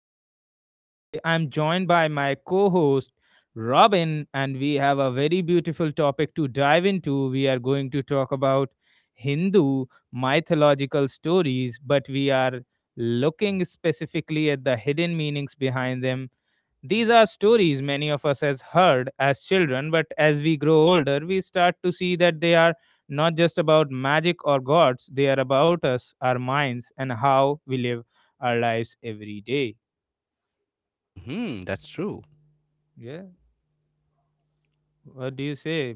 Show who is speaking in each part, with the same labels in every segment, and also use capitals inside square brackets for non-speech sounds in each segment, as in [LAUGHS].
Speaker 1: have you here today. I'm joined by my co host, Robin, and we have a very beautiful topic to dive into. We are going to talk about Hindu mythological stories, but we are looking specifically at the hidden meanings behind them. These are stories many of us has heard as children, but as we grow older, we start to see that they are not just about magic or gods, they are about us, our minds, and how we live our lives every day.
Speaker 2: Hmm, that's true.
Speaker 1: Yeah. What do you say,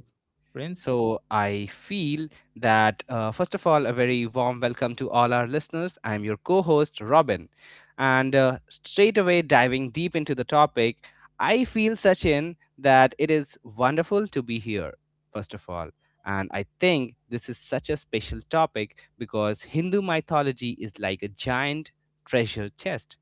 Speaker 1: Prince?
Speaker 2: So I feel that, first of all, a very warm welcome to all our listeners. I'm your co host, Robin. And straight away, diving deep into the topic, I feel, Sachin, that it is wonderful to be here, first of all. And I think this is such a special topic because Hindu mythology is like a giant treasure chest.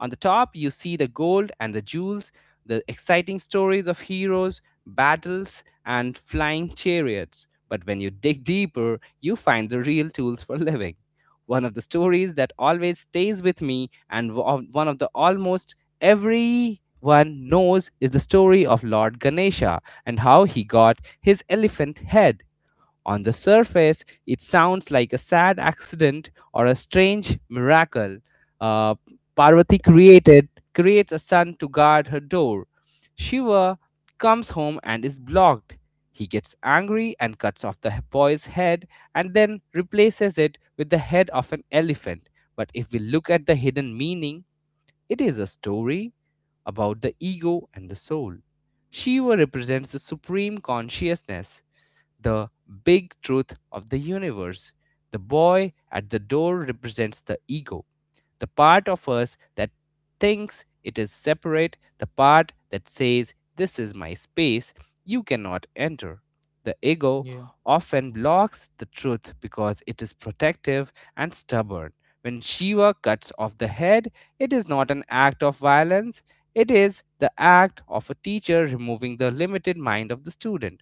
Speaker 2: On the top, you see the gold and the jewels, the exciting stories of heroes, battles, and flying chariots. But when you dig deeper, you find the real tools for [LAUGHS] living. One of the stories that always stays with me, and one of the almost everyone knows, is the story of Lord Ganesha and how he got his elephant head. On the surface, it sounds like a sad accident or a strange miracle. Uh, Parvati created creates a son to guard her door. Shiva comes home and is blocked. He gets angry and cuts off the boy's head and then replaces it with the head of an elephant. But if we look at the hidden meaning, it is a story about the ego and the soul. Shiva represents the supreme consciousness, the big truth of the universe. The boy at the door represents the ego, the part of us that thinks it is separate, the part that says, this is my space, you cannot enter. The ego
Speaker 1: Yeah.
Speaker 2: often blocks the truth because it is protective and stubborn. When Shiva cuts off the head, it is not an act of violence, it is the act of a teacher removing the limited mind of the student.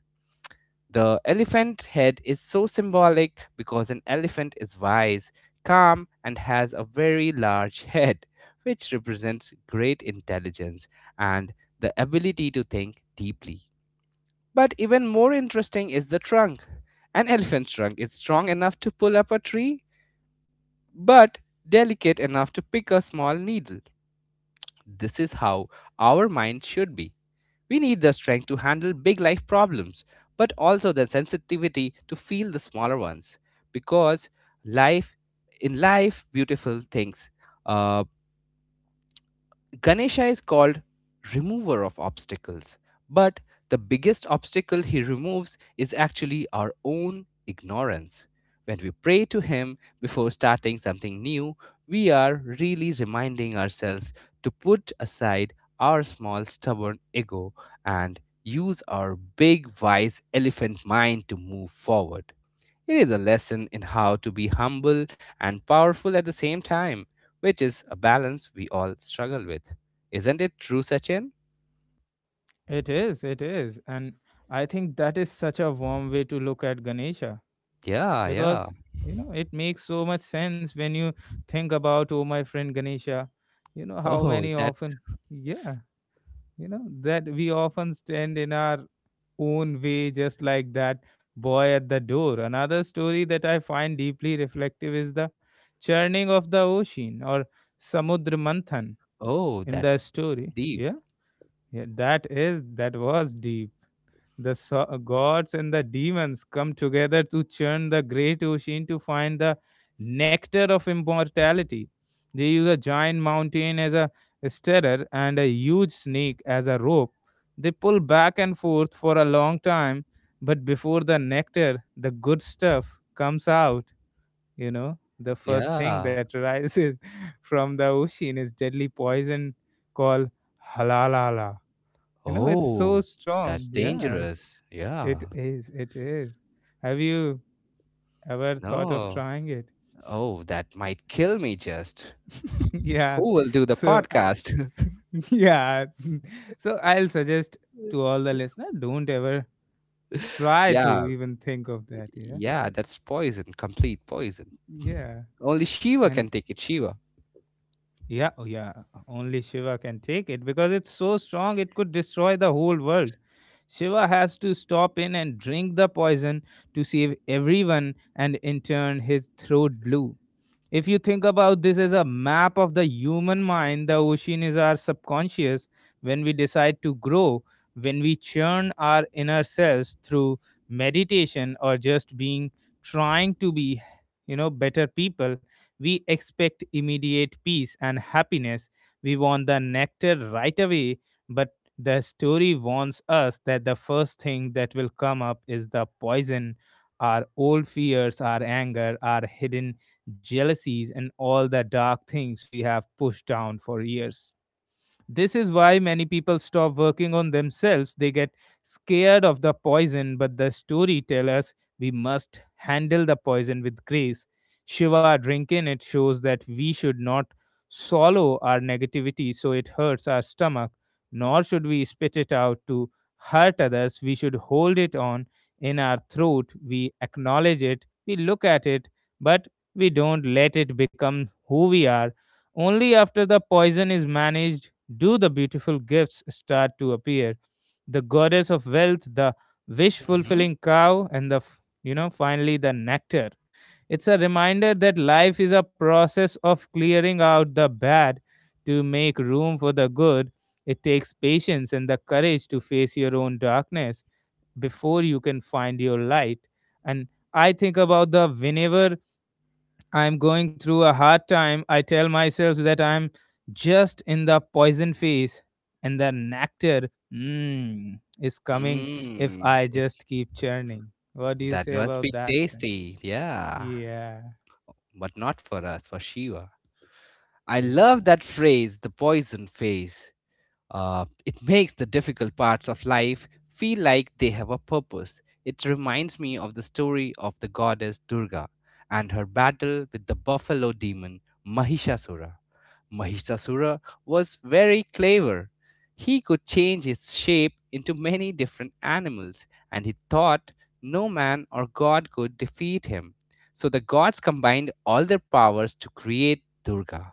Speaker 2: The elephant head is so symbolic because an elephant is wise, calm, and has a very large [LAUGHS] head, which represents great intelligence and the ability to think deeply. But even more interesting is the trunk. An elephant's trunk is strong enough to pull up a tree, but delicate enough to pick a small needle. This is how our mind should be. We need the strength to handle big life problems, but also the sensitivity to feel the smaller ones. Because life, in life, beautiful things, uh, Ganesha is called remover of obstacles, but the biggest obstacle he removes is actually our own ignorance. When we pray to him before starting something new, we are really reminding ourselves to put aside our small stubborn ego and use our big wise elephant mind to move forward. It is a lesson in how to be humble and powerful at the same time, which is a balance we all struggle with. Isn't it true, Sachin?
Speaker 1: It is, it is. And I think that is such a warm way to look at Ganesha
Speaker 2: Yeah, yeah.
Speaker 1: because, it makes so much sense when you think about, oh, my friend Ganesha, you know, how
Speaker 2: Oh,
Speaker 1: many
Speaker 2: that's
Speaker 1: often. Yeah, you know that we often stand in our own way just like that boy at the door. Another story that I find deeply reflective is the churning of the ocean, or samudra manthan.
Speaker 2: oh,
Speaker 1: In the
Speaker 2: that's
Speaker 1: story,
Speaker 2: deep.
Speaker 1: yeah, yeah, that is, that was deep. The gods and the demons come together to churn the great ocean to find the nectar of immortality. They use a giant mountain as a stirrer and a huge snake as a rope. They pull back and forth for a long time, but before the nectar, the good stuff comes out. You know, the first thing
Speaker 2: Yeah.
Speaker 1: that rises [LAUGHS] from the ocean is deadly poison called halalala. You know, it's
Speaker 2: Oh,
Speaker 1: so
Speaker 2: that's
Speaker 1: strong. Yeah,
Speaker 2: dangerous.
Speaker 1: it
Speaker 2: Yeah.
Speaker 1: is, it is. Have you ever thought of
Speaker 2: No.
Speaker 1: trying it?
Speaker 2: Oh, that might kill me just.
Speaker 1: [LAUGHS] Yeah.
Speaker 2: Who will do the
Speaker 1: So,
Speaker 2: podcast?
Speaker 1: [LAUGHS] yeah. [LAUGHS] So, I'll suggest to
Speaker 2: [LAUGHS]
Speaker 1: all the listeners, don't ever try to
Speaker 2: yeah.
Speaker 1: even think of that. Yeah.
Speaker 2: Yeah, that's poison, complete poison.
Speaker 1: Yeah.
Speaker 2: Only Shiva
Speaker 1: And
Speaker 2: can take it, Shiva.
Speaker 1: yeah, oh yeah, only Shiva can take it because it's so strong, it could destroy the whole world. Shiva has to stop in and drink the poison to save everyone, and in turn his throat blue. If you think about this as a map of the human mind, the ocean is our subconscious. When we decide to grow, when we churn our inner selves through meditation, or just being, trying to be, better people, we expect immediate peace and happiness. We want the nectar right away, but the story warns us that the first thing that will come up is the poison, our old fears, our anger, our hidden jealousies, and all the dark things we have pushed down for years. This is why many people stop working on themselves. They get scared of the poison, but the story tells us we must handle the poison with grace. Shiva drinking it shows that we should not swallow our negativity so it hurts our stomach, nor should we spit it out to hurt others. We should hold it on in our throat. We acknowledge it, we look at it, but we don't let it become who we are. Only after the poison is managed do the beautiful gifts start to appear: the goddess of wealth, the wish
Speaker 2: Mm-hmm.
Speaker 1: fulfilling cow, and finally the nectar. It's a reminder that life is a process of clearing out the bad to make room for the good. It takes patience and the courage to face your own darkness before you can find your light. And I think about the whenever I'm going through a hard time, I tell myself that I'm just in the poison phase and the nectar, mm, is coming if
Speaker 2: Mm,
Speaker 1: I
Speaker 2: it's
Speaker 1: just keep churning. What do you
Speaker 2: that
Speaker 1: say
Speaker 2: must
Speaker 1: about
Speaker 2: be
Speaker 1: that, Prince?
Speaker 2: tasty. Yeah,
Speaker 1: Yeah,
Speaker 2: but not for us, for Shiva. I
Speaker 1: yeah,
Speaker 2: love that phrase, the poison phase. It makes the difficult parts of life feel like they have a purpose. It reminds me of the story of the goddess Durga and her battle with the buffalo demon Mahishasura. Mahishasura was very clever. He could change his shape into many different animals, and he thought no man or god could defeat him. So the gods combined all their powers to create Durga.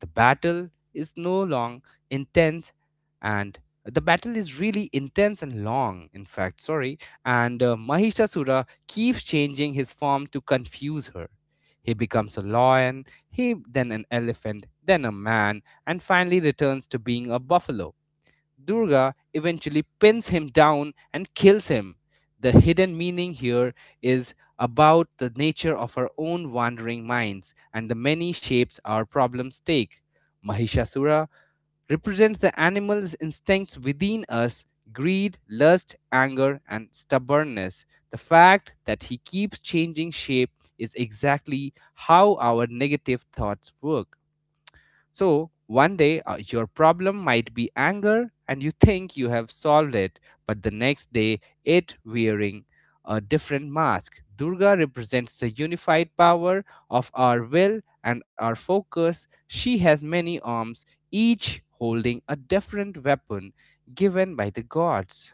Speaker 2: The battle is no long intense and The battle is really intense and long, in fact, sorry. And Mahishasura keeps changing his form to confuse her. He becomes a lion, he then an elephant, then a man, and finally returns to being a buffalo. Durga eventually pins him down and kills him. The hidden meaning here is about the nature of our own wandering minds and the many shapes our problems take. Mahishasura represents the animal's instincts within us, greed, lust, anger, and stubbornness. The fact that he keeps changing shape is exactly how our negative thoughts work. So one day your problem might be anger and you think you have solved it, but the next day it wearing a different mask. Durga represents the unified power of our will and our focus. She has many arms, each holding a different weapon given by the gods.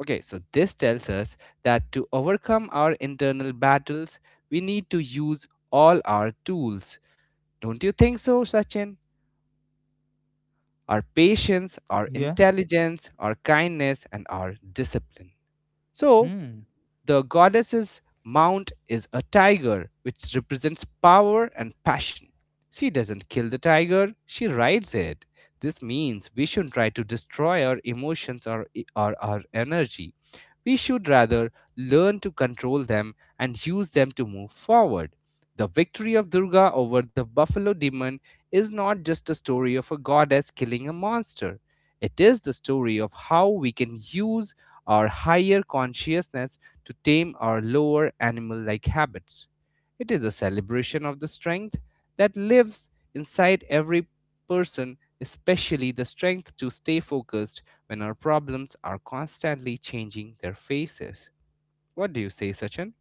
Speaker 2: Okay, so this tells us that to overcome our internal battles, we need to use all our tools. Don't you think so, Sachin? Our patience, our
Speaker 1: yeah.
Speaker 2: intelligence, our kindness, and our discipline. So,
Speaker 1: Hmm.
Speaker 2: the goddess's mount is a tiger, which represents power and passion. She doesn't kill the tiger, she rides it. This means we shouldn't try to destroy our emotions or our energy. We should rather learn to control them and use them to move forward. The victory of Durga over the buffalo demon is not just a story of a goddess killing a monster. It is the story of how we can use our higher consciousness to tame our lower animal like habits. It is a celebration of the strength that lives inside every person, especially the strength to stay focused when our problems are constantly changing their faces. What do you say, Sachin?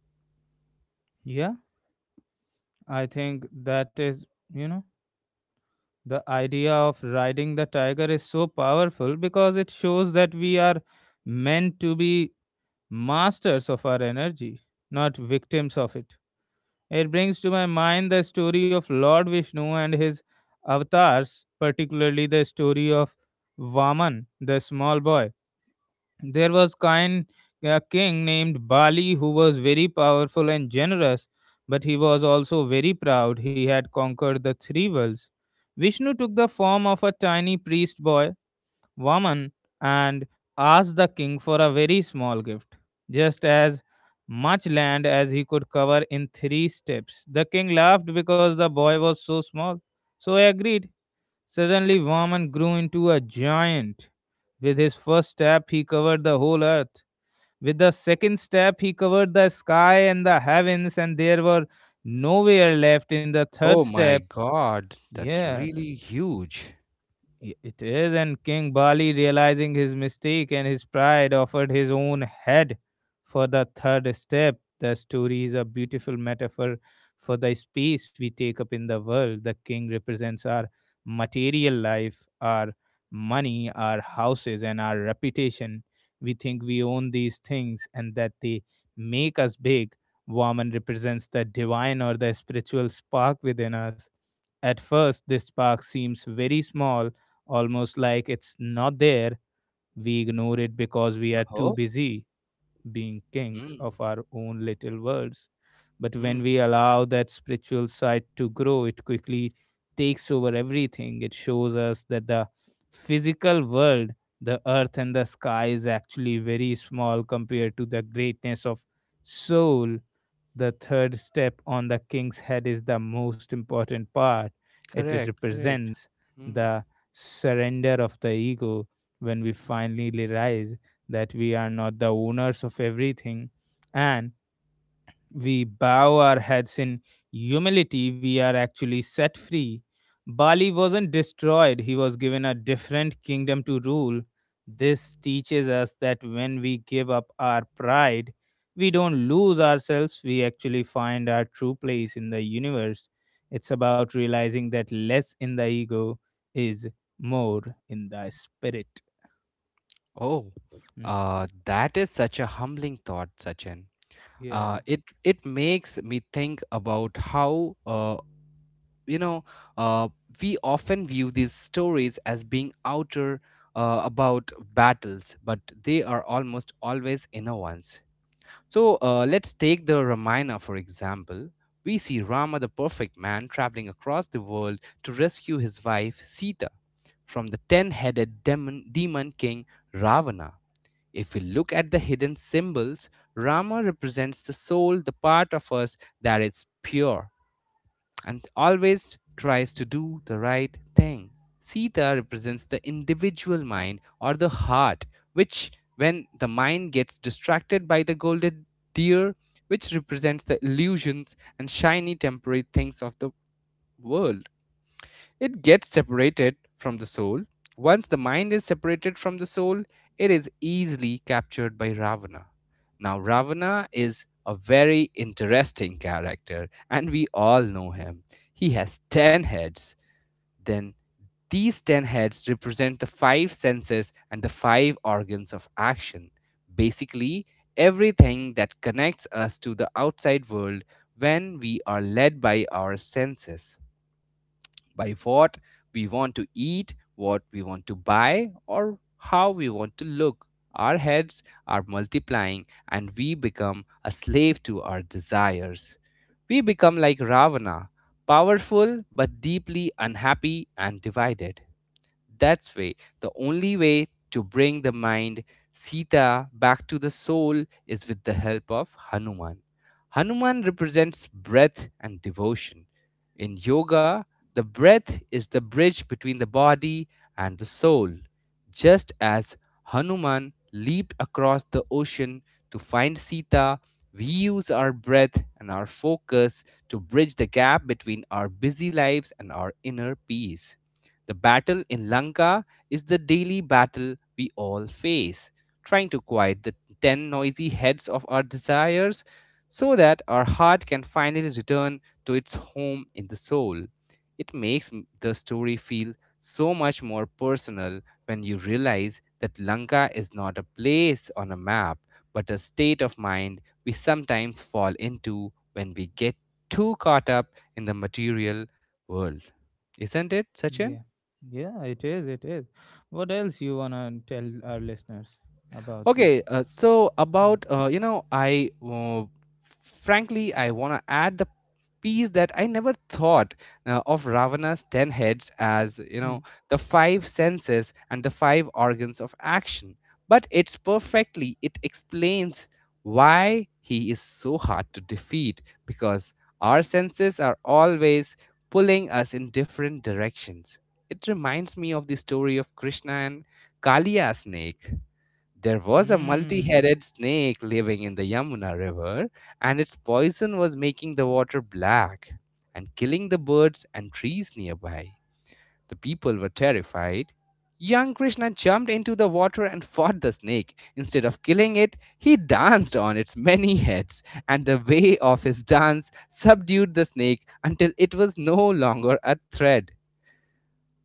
Speaker 1: Yeah, I think that is, you know, the idea of riding the tiger is so powerful because it shows that we are meant to be masters of our energy, not victims of it. It brings to my mind the story of Lord Vishnu and his avatars, particularly the story of Vaman, the small boy. There was kind a king named Bali who was very powerful and generous, but he was also very proud. He had conquered the three worlds. Vishnu took the form of a tiny priest boy, woman, and asked the king for a very small gift, just as much land as he could cover in three steps. The king laughed because the boy was so small, so he agreed. Suddenly, Vaman grew into a giant. With his first step, he covered the whole earth. With the second step, he covered the sky and the heavens, and there were nowhere left in the third
Speaker 2: Oh my
Speaker 1: step.
Speaker 2: god, that's
Speaker 1: Yeah,
Speaker 2: really huge.
Speaker 1: It is, and King Bali, realizing his mistake and his pride, offered his own head for the third step. The story is a beautiful metaphor for the space we take up in the world. The king represents our material life, our money, our houses, and our reputation. We think we own these things and that they make us big. Woman represents the divine, or the spiritual spark within us. At first, this spark seems very small, almost like it's not there. We ignore it because we are too
Speaker 2: Oh.
Speaker 1: busy being kings of
Speaker 2: Mm,
Speaker 1: our own little worlds. But when we
Speaker 2: mm.
Speaker 1: allow that spiritual side to grow, it quickly takes over everything. It shows us that the physical world, the earth and the sky, is actually very small compared to the greatness of soul. The third step on the king's head is the most important part. It
Speaker 2: Correct, correct.
Speaker 1: represents
Speaker 2: Mm.
Speaker 1: the surrender of the ego. When we finally realize that we are not the owners of everything, and we bow our heads in humility, we are actually set free. Bali wasn't destroyed, he was given a different kingdom to rule. This teaches us that when we give up our pride, we don't lose ourselves, we actually find our true place in the universe. It's about realizing that less in the ego is more in the spirit.
Speaker 2: Oh,
Speaker 1: Mm,
Speaker 2: that is such a humbling thought, Sachin. Uh,
Speaker 1: yeah.
Speaker 2: it it makes me think about how you know uh, we often view these stories as being outer, about battles, but they are almost always inner ones. So let's take the Ramayana for example. We see Rama, the perfect man, traveling across the world to rescue his wife Sita from the ten headed demon king Ravana. If we look at the hidden symbols, Rama represents the soul, the part of us that is pure, and always tries to do the right thing. Sita represents the individual mind or the heart, which, when the mind gets distracted by the golden deer, which represents the illusions and shiny temporary things of the world, it gets separated from the soul. Once the mind is separated from the soul, it is easily captured by Ravana. Now, Ravana is a very interesting character, and we all know him. He has 10 heads. Then, these 10 heads represent the five senses and the five organs of action. Basically, everything that connects us to the outside world when we are led by our senses, by what we want to eat, what we want to buy, or how we want to look. Our heads are multiplying and we become a slave to our desires. We become like Ravana, powerful but deeply unhappy and divided. That's way, the only way to bring the mind Sita back to the soul is with the help of Hanuman. Hanuman represents breath and devotion. In yoga, the breath is the bridge between the body and the soul. Just as Hanuman leaped across the ocean to find Sita, we use our breath and our focus to bridge the gap between our busy lives and our inner peace. The battle in Lanka is the daily battle we all face, trying to quiet the ten noisy heads of our desires so that our heart can finally return to its home in the soul. The story feel so much more personal when you realize that Lanka is not a place on a map, but a state of mind we sometimes fall into when we get too caught up in the material world. Isn't it, Sachin?
Speaker 1: Yeah. Yeah, it is. It is. What else you wanna tell our listeners about
Speaker 2: Okay,
Speaker 1: this?
Speaker 2: so about you know, I frankly I want to add the piece that I never thought of Ravana's ten heads as you
Speaker 1: Hmm.
Speaker 2: know the five senses and the five organs of action, but it explains why he is so hard to defeat because our senses are always pulling us in different directions. It reminds me of the story of Krishna and Kalia snake. There was a multi
Speaker 1: Mm.
Speaker 2: headed snake living in the Yamuna River, and its poison was making the water black and killing the birds and trees nearby. The people were terrified. Young Krishna jumped into the water and fought the snake. Instead of killing it, he danced on its many heads, and the way of his dance subdued the snake until it was no longer a threat.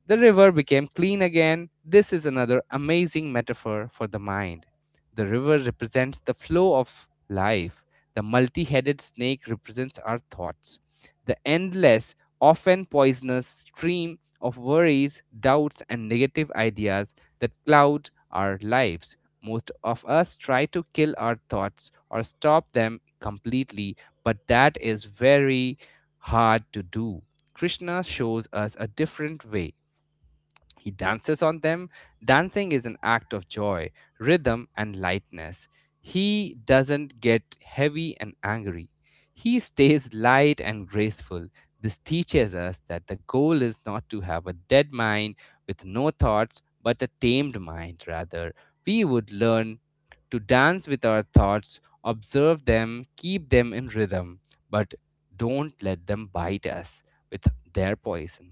Speaker 2: The river became clean again. This is another amazing metaphor for the mind. The river represents the flow of life. The multi headed snake represents our thoughts. The endless, often poisonous stream of worries, doubts, and negative ideas that cloud our lives. Most of us try to kill our thoughts or stop them completely, but that is very hard to do. Krishna shows us a different way. He dances on them. Dancing is an act of joy, rhythm, and lightness. He doesn't get heavy and angry. He stays light and graceful. This teaches us that the goal is not to have a dead mind with no thoughts, but a tamed mind, rather. We would learn to dance with our thoughts, observe them, keep them in rhythm, but don't let them bite us with their poison.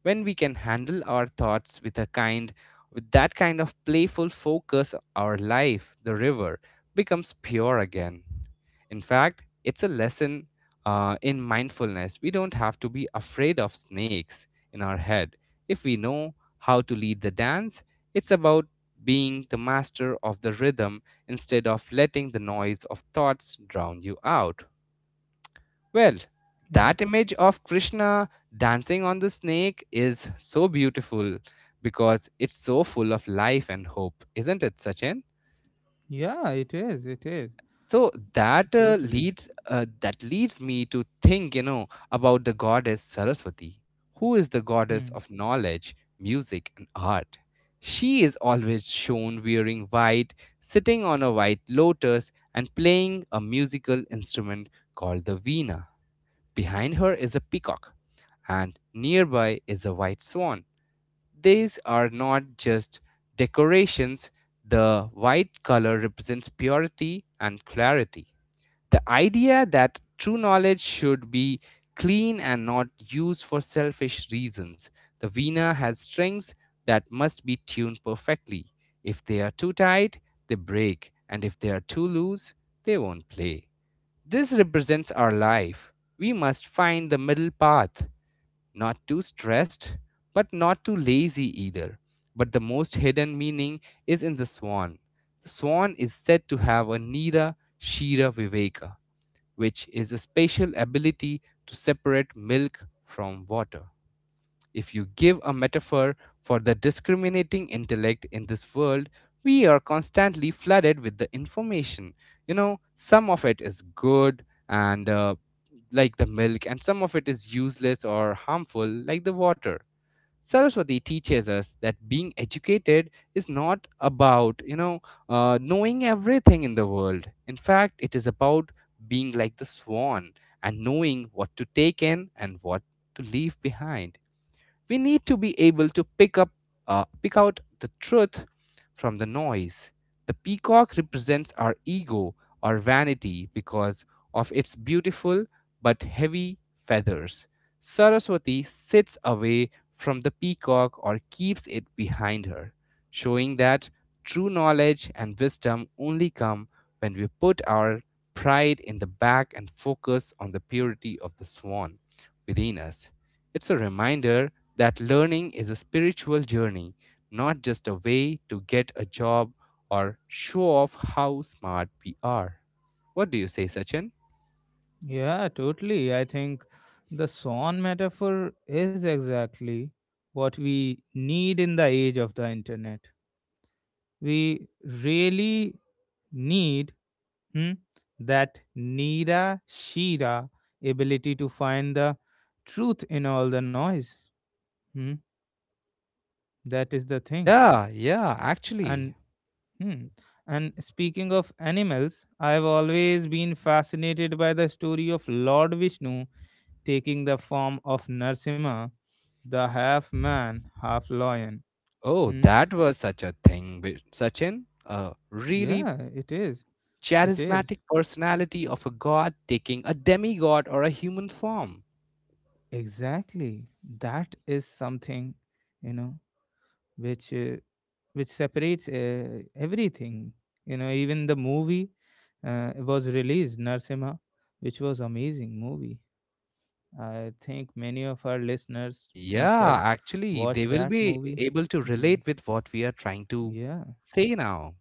Speaker 2: When we can handle our thoughts with a kind with that kind of playful focus, our life, the river, becomes pure again. In fact, it's a lesson in mindfulness. We don't have to be afraid of snakes in our head if we know how to lead the dance. It's about being the master of the rhythm instead of letting the noise of thoughts drown you out. well,
Speaker 1: Yeah.
Speaker 2: that image of Krishna dancing on the snake is so beautiful because it's so full of life and hope, isn't it, Sachin?
Speaker 1: Yeah, it is. It is.
Speaker 2: So that uh,
Speaker 1: Totally.
Speaker 2: leads uh, that leads me to think, you know, about the goddess Saraswati, who is the goddess
Speaker 1: Hmm.
Speaker 2: of knowledge, music, and art. She is always shown wearing white, sitting on a white lotus, and playing a musical instrument called the veena. Behind her is a peacock, and nearby is a white swan. These are not just decorations. The white color represents purity and clarity. The idea that true knowledge should be clean and not used for selfish reasons. The vina has strings that must be tuned perfectly. If they are too tight, they break, and if they are too loose, they won't play. This represents our life. We must find the middle path, not too stressed, but not too lazy either. But the most hidden meaning is in the swan. The swan is said to have a nira shira viveka, which is a special ability to separate milk from water. If you give a metaphor for the discriminating intellect in this world, we are constantly flooded with the information. You know, some of it is good and like the milk, and some of it is useless or harmful like the water. Saraswati teaches us that being educated is not about, you know, knowing everything in the world. In fact, it is about being like the swan and knowing what to take in and what to leave behind. We need to be able to pick out the truth from the noise. The peacock represents our ego, or vanity, because of its beautiful but heavy feathers. Saraswati sits away from the peacock or keeps it behind her, showing that true knowledge and wisdom only come when we put our pride in the back and focus on the purity of the swan within us. It's a reminder that learning is a spiritual journey, not just a way to get a job or show off how smart we are. What do you say, Sachin?
Speaker 1: Yeah, totally. I think the swan metaphor is exactly what we need in the age of the internet. We really need, hmm, that Nira Shira ability to find the truth in all the noise. Hmm, that is the thing.
Speaker 2: Yeah, yeah, actually.
Speaker 1: And, hmm, and speaking of animals, I have always been fascinated by the story of Lord Vishnu taking the form of Narsimha, the half man, half lion.
Speaker 2: Oh,
Speaker 1: Hmm?
Speaker 2: that was such a thing, with Sachin. A really
Speaker 1: Yeah, it is. It is.
Speaker 2: charismatic personality of a god taking a demigod or a human form.
Speaker 1: Exactly. That is something, you know, which uh, which separates everything. You know, even the movie was released, Narsimha, which was amazing movie. I think many of our listeners must have
Speaker 2: Yeah, actually,
Speaker 1: watched
Speaker 2: they will
Speaker 1: that
Speaker 2: be
Speaker 1: movie.
Speaker 2: able to
Speaker 1: Hmm.
Speaker 2: relate with what we are trying to
Speaker 1: Yeah,
Speaker 2: say now.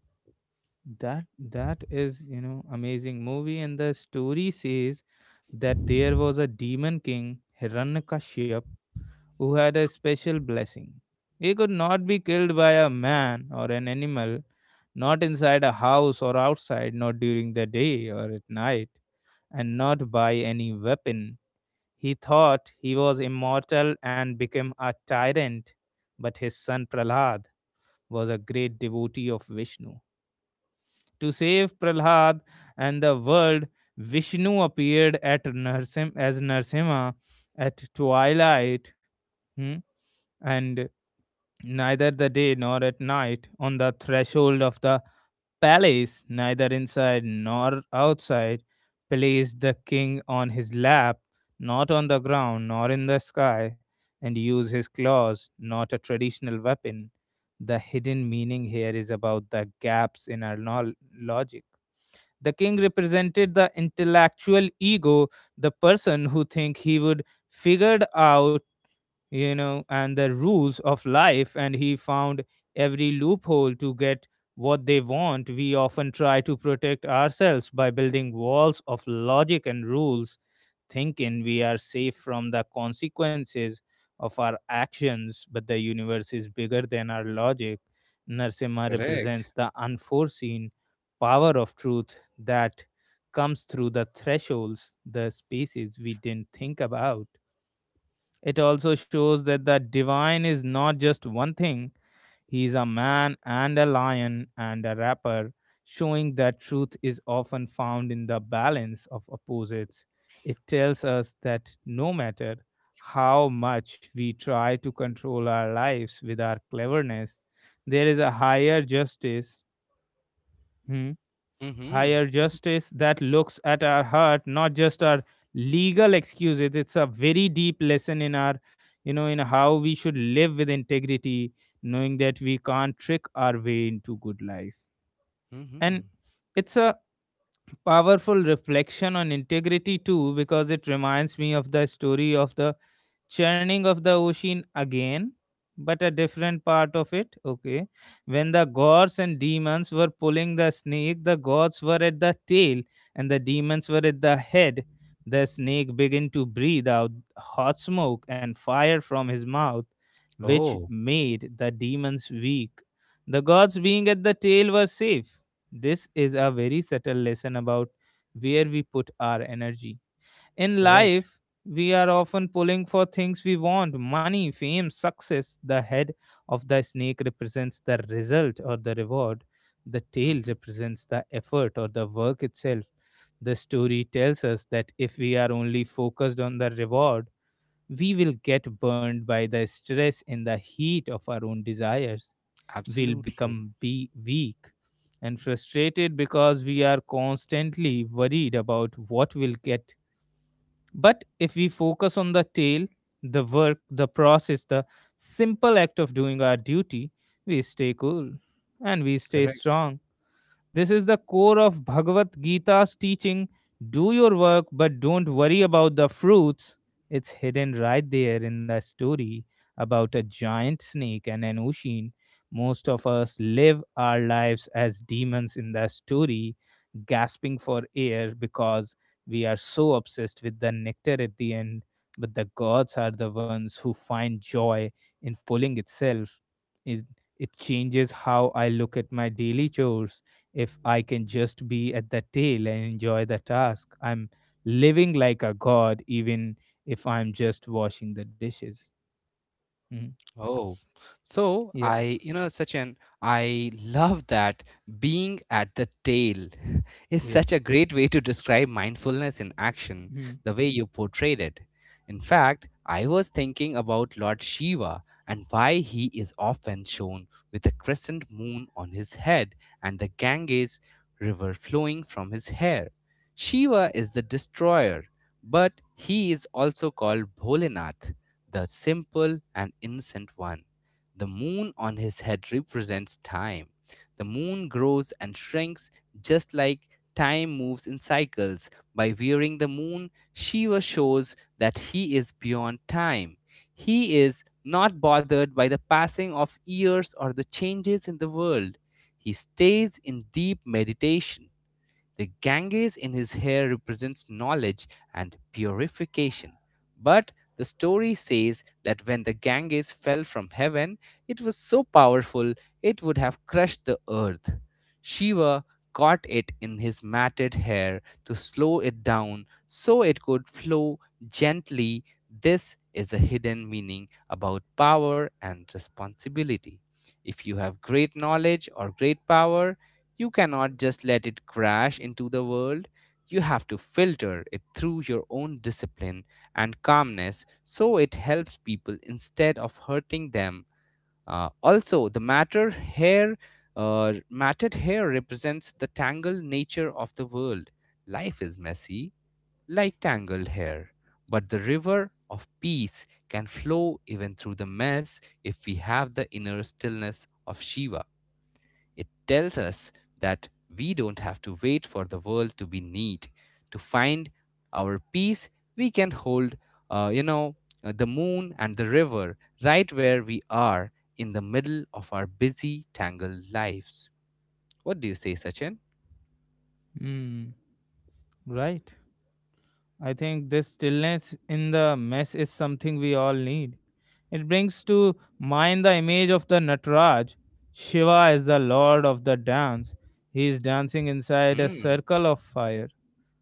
Speaker 1: that is, you know, amazing movie, and the story says that there was a demon king Hiranyakashyap who had a special blessing. He could not be killed by a man or an animal, not inside a house or outside, not during the day or at night, and not by any weapon. He thought he was immortal and became a tyrant, but his son Prahlad was a great devotee of Vishnu. To save Prahlad and the world, Vishnu appeared at as Narsimha at twilight, hmm, and neither the day nor at night, on the threshold of the palace, neither inside nor outside, placed the king on his lap, not on the ground nor in the sky, and use his claws, not a traditional weapon. The hidden meaning here is about the gaps in our logic. The king represented the intellectual ego, the person who think he would figured out, you know, and the rules of life, and he found every loophole to get what they want. We often try to protect ourselves by building walls of logic and rules, thinking we are safe from the consequences of our actions, but the universe is bigger than our logic. Narsimha
Speaker 2: Correct.
Speaker 1: represents the unforeseen power of truth that comes through the thresholds, the spaces we didn't think about. It also shows that the divine is not just one thing, he is a man and a lion and a rapper, showing that truth is often found in the balance of opposites. It tells us that no matter how much we try to control our lives with our cleverness, there is a higher hmm,
Speaker 2: Mm-hmm.
Speaker 1: justice that looks at our heart, not just our legal excuses. It's a very deep lesson in our you know in how we should live with integrity, knowing that we can't trick our way into good life.
Speaker 2: Mm-hmm.
Speaker 1: And it's a powerful reflection on integrity too, because it reminds me of the story of the churning of the ocean again, but a different part of it. Okay, when the gods and demons were pulling the snake, the gods were at the tail and the demons were at the head. The snake began to breathe out hot smoke and fire from his mouth, which
Speaker 2: Oh,
Speaker 1: made the demons weak. The gods, being at the tail, were safe. This is a very subtle lesson about where we put our energy in
Speaker 2: correct.
Speaker 1: life. We are often pulling for things we want: money, fame, success. The head of the snake represents the result or the reward, the tail
Speaker 2: Mm-hmm.
Speaker 1: represents the effort or the work itself. The story tells us that if we are only focused on the reward, we will get burned by the stress and the heat of our own desires. We'll
Speaker 2: Absolutely.
Speaker 1: become be weak and frustrated because we are constantly worried about what will get, but if we focus on the tail, the work, the process, the simple act of doing our duty, we stay cool and we stay
Speaker 2: Correct.
Speaker 1: strong. This is the core of Bhagavad Gita's teaching: do your work, but don't worry about the fruits. It's hidden right there in the story about a giant snake and an ocean. Most of us live our lives as demons in the story, gasping for air because we are so obsessed with the nectar at the end. But the gods are the ones who find joy in pulling itself. It, it changes how I look at my daily chores. If I can just be at the tail and enjoy the task, I'm living like a god, even if I'm just washing the dishes. Mhm.
Speaker 2: Oh, so
Speaker 1: Yeah,
Speaker 2: I, you know, Sachin, I love that being at the tail [LAUGHS] is
Speaker 1: yeah.
Speaker 2: such a great way to describe mindfulness in action,
Speaker 1: Mm.
Speaker 2: the way you portrayed it. In fact, I was thinking about Lord Shiva and why he is often shown with a crescent moon on his head and the Ganges river flowing from his hair. Shiva is the destroyer, but he is also called Bholenath, the simple and innocent one. The moon on his head represents time. The moon grows and shrinks just like time moves in cycles. By wearing the moon, Shiva shows that he is beyond time. He is not bothered by the passing of years or the changes in the world. He stays in deep meditation. The Ganges in his hair represents knowledge and purification. But the story says that when the Ganges fell from heaven, it was so powerful it would have crushed the earth. Shiva caught it in his matted hair to slow it down so it could flow gently. This is a hidden meaning about power and responsibility. If you have great knowledge or great power, you cannot just let it crash into the world. You have to filter it through your own discipline and calmness so it helps people instead of hurting them. Also, the matted hair represents the tangled nature of the world. Life is messy, like tangled hair, but the river of peace can flow even through the mess if we have the inner stillness of Shiva. It tells us that we don't have to wait for the world to be neat. To find our peace, we can uh, you know, the moon and the river right where we are in the middle of our busy, tangled lives. What do you say, Sachin?
Speaker 1: Mm. Right. I think this stillness in the mess is something we all need. It brings to mind the image of the Nataraj. Shiva is the lord of the dance. He is dancing inside a
Speaker 2: Mm,
Speaker 1: circle of fire.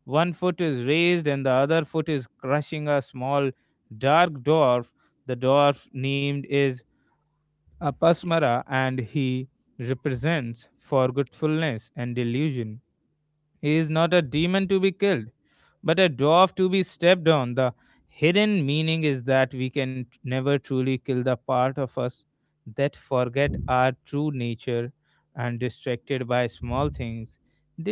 Speaker 1: One foot is raised and the other foot is crushing a small dark dwarf. The dwarf named is Apasmara, and he represents forgetfulness and delusion. He is not a demon to be killed, but a dwarf to be stepped on. The hidden meaning is that we can never truly kill the part of us that forget our true nature and distracted by small things.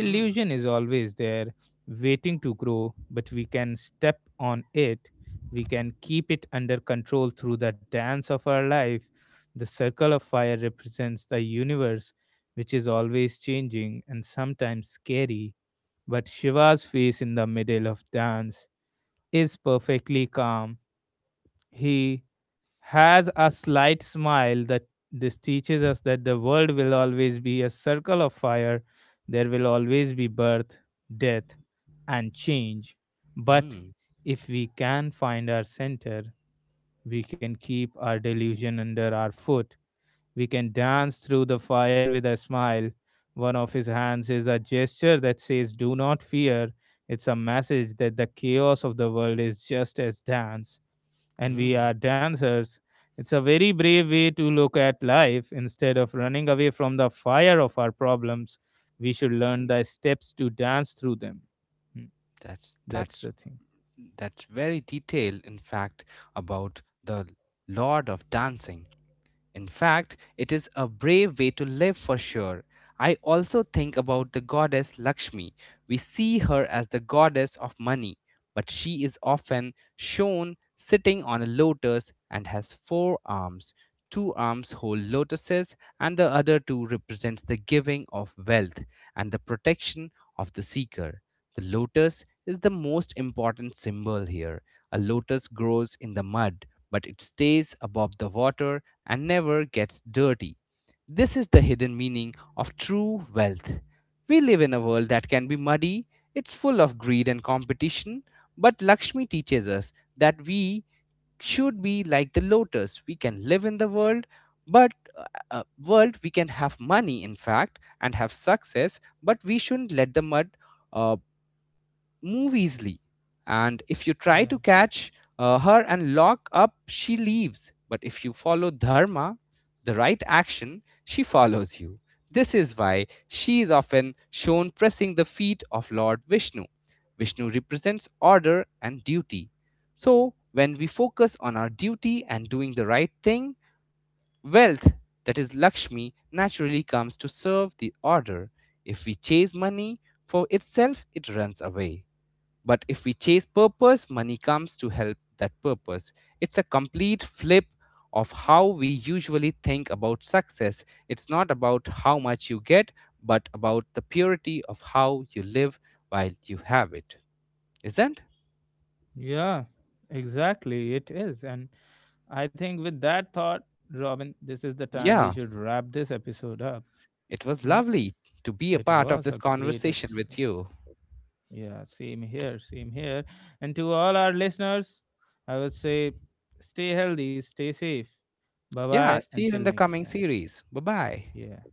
Speaker 2: mm,
Speaker 1: is always there, waiting to grow, but we can step on it. We can keep it under control through the dance of our life. The circle of fire represents the universe, which is always changing and sometimes scary, but Shiva's face in the middle of dance is perfectly calm. He has a slight smile. That this teaches us that the world will always be a circle of fire. There will always be birth, death, and change. But
Speaker 2: mm,
Speaker 1: if we can find our center, we can keep our delusion under our foot. We can dance through the fire with a smile. One of his hands is a gesture that says, do not fear. It's a message that the chaos of the world is just as dance, and we
Speaker 2: mm,
Speaker 1: are dancers. It's a very brave way to look at life. Instead of running away from the fire of our problems, we should learn
Speaker 2: mm.
Speaker 1: the steps to dance through them. Hmm,
Speaker 2: That's
Speaker 1: That's
Speaker 2: that's
Speaker 1: the thing.
Speaker 2: that's very detailed, in fact, about the Lord of Dancing. In fact, it is a brave way to live for sure. I also think about the goddess Lakshmi. We see her as the goddess of money, but she is often shown sitting on a lotus and has four arms. Two arms hold lotuses, and the other two represents the giving of wealth and the protection of the seeker. The lotus is the most important symbol here. A lotus grows in the mud, but it stays above the water and never gets dirty. This is the hidden meaning of true wealth. We live in a world that can be muddy, it's full of greed and competition, but Lakshmi teaches us that we should be like the lotus. We can live in the world, but uh, world we can have money, in fact, and have success. But we shouldn't let the mud. uh, move easily. And if you try
Speaker 1: Yeah.
Speaker 2: to catch her and lock up, she leaves. But if you follow dharma, the right action, she follows you. This is why she is often shown pressing the feet of Lord Vishnu. Vishnu represents order and duty. So, when we focus on our duty and doing the right thing, wealth, that is Lakshmi, naturally comes to serve the order. If we chase money for itself, it runs away. But if we chase purpose, money comes to help that purpose. It's a complete flip of how we usually think about success. It's not about how much you get, but about the purity of how you live while you have it. Isn't?
Speaker 1: Yeah, exactly. It is. And I think with that thought, Robin, this is the time we
Speaker 2: Yeah,
Speaker 1: should wrap this episode up.
Speaker 2: it was
Speaker 1: Hmm?
Speaker 2: lovely to be a
Speaker 1: It
Speaker 2: part of
Speaker 1: was
Speaker 2: this
Speaker 1: a great
Speaker 2: conversation with
Speaker 1: episode.
Speaker 2: you.
Speaker 1: Yeah, same here, same here. And to all our listeners, I would say stay healthy, stay safe. Bye bye
Speaker 2: Yeah, see
Speaker 1: until
Speaker 2: you in the
Speaker 1: next
Speaker 2: coming
Speaker 1: time.
Speaker 2: series. Bye bye.
Speaker 1: Yeah.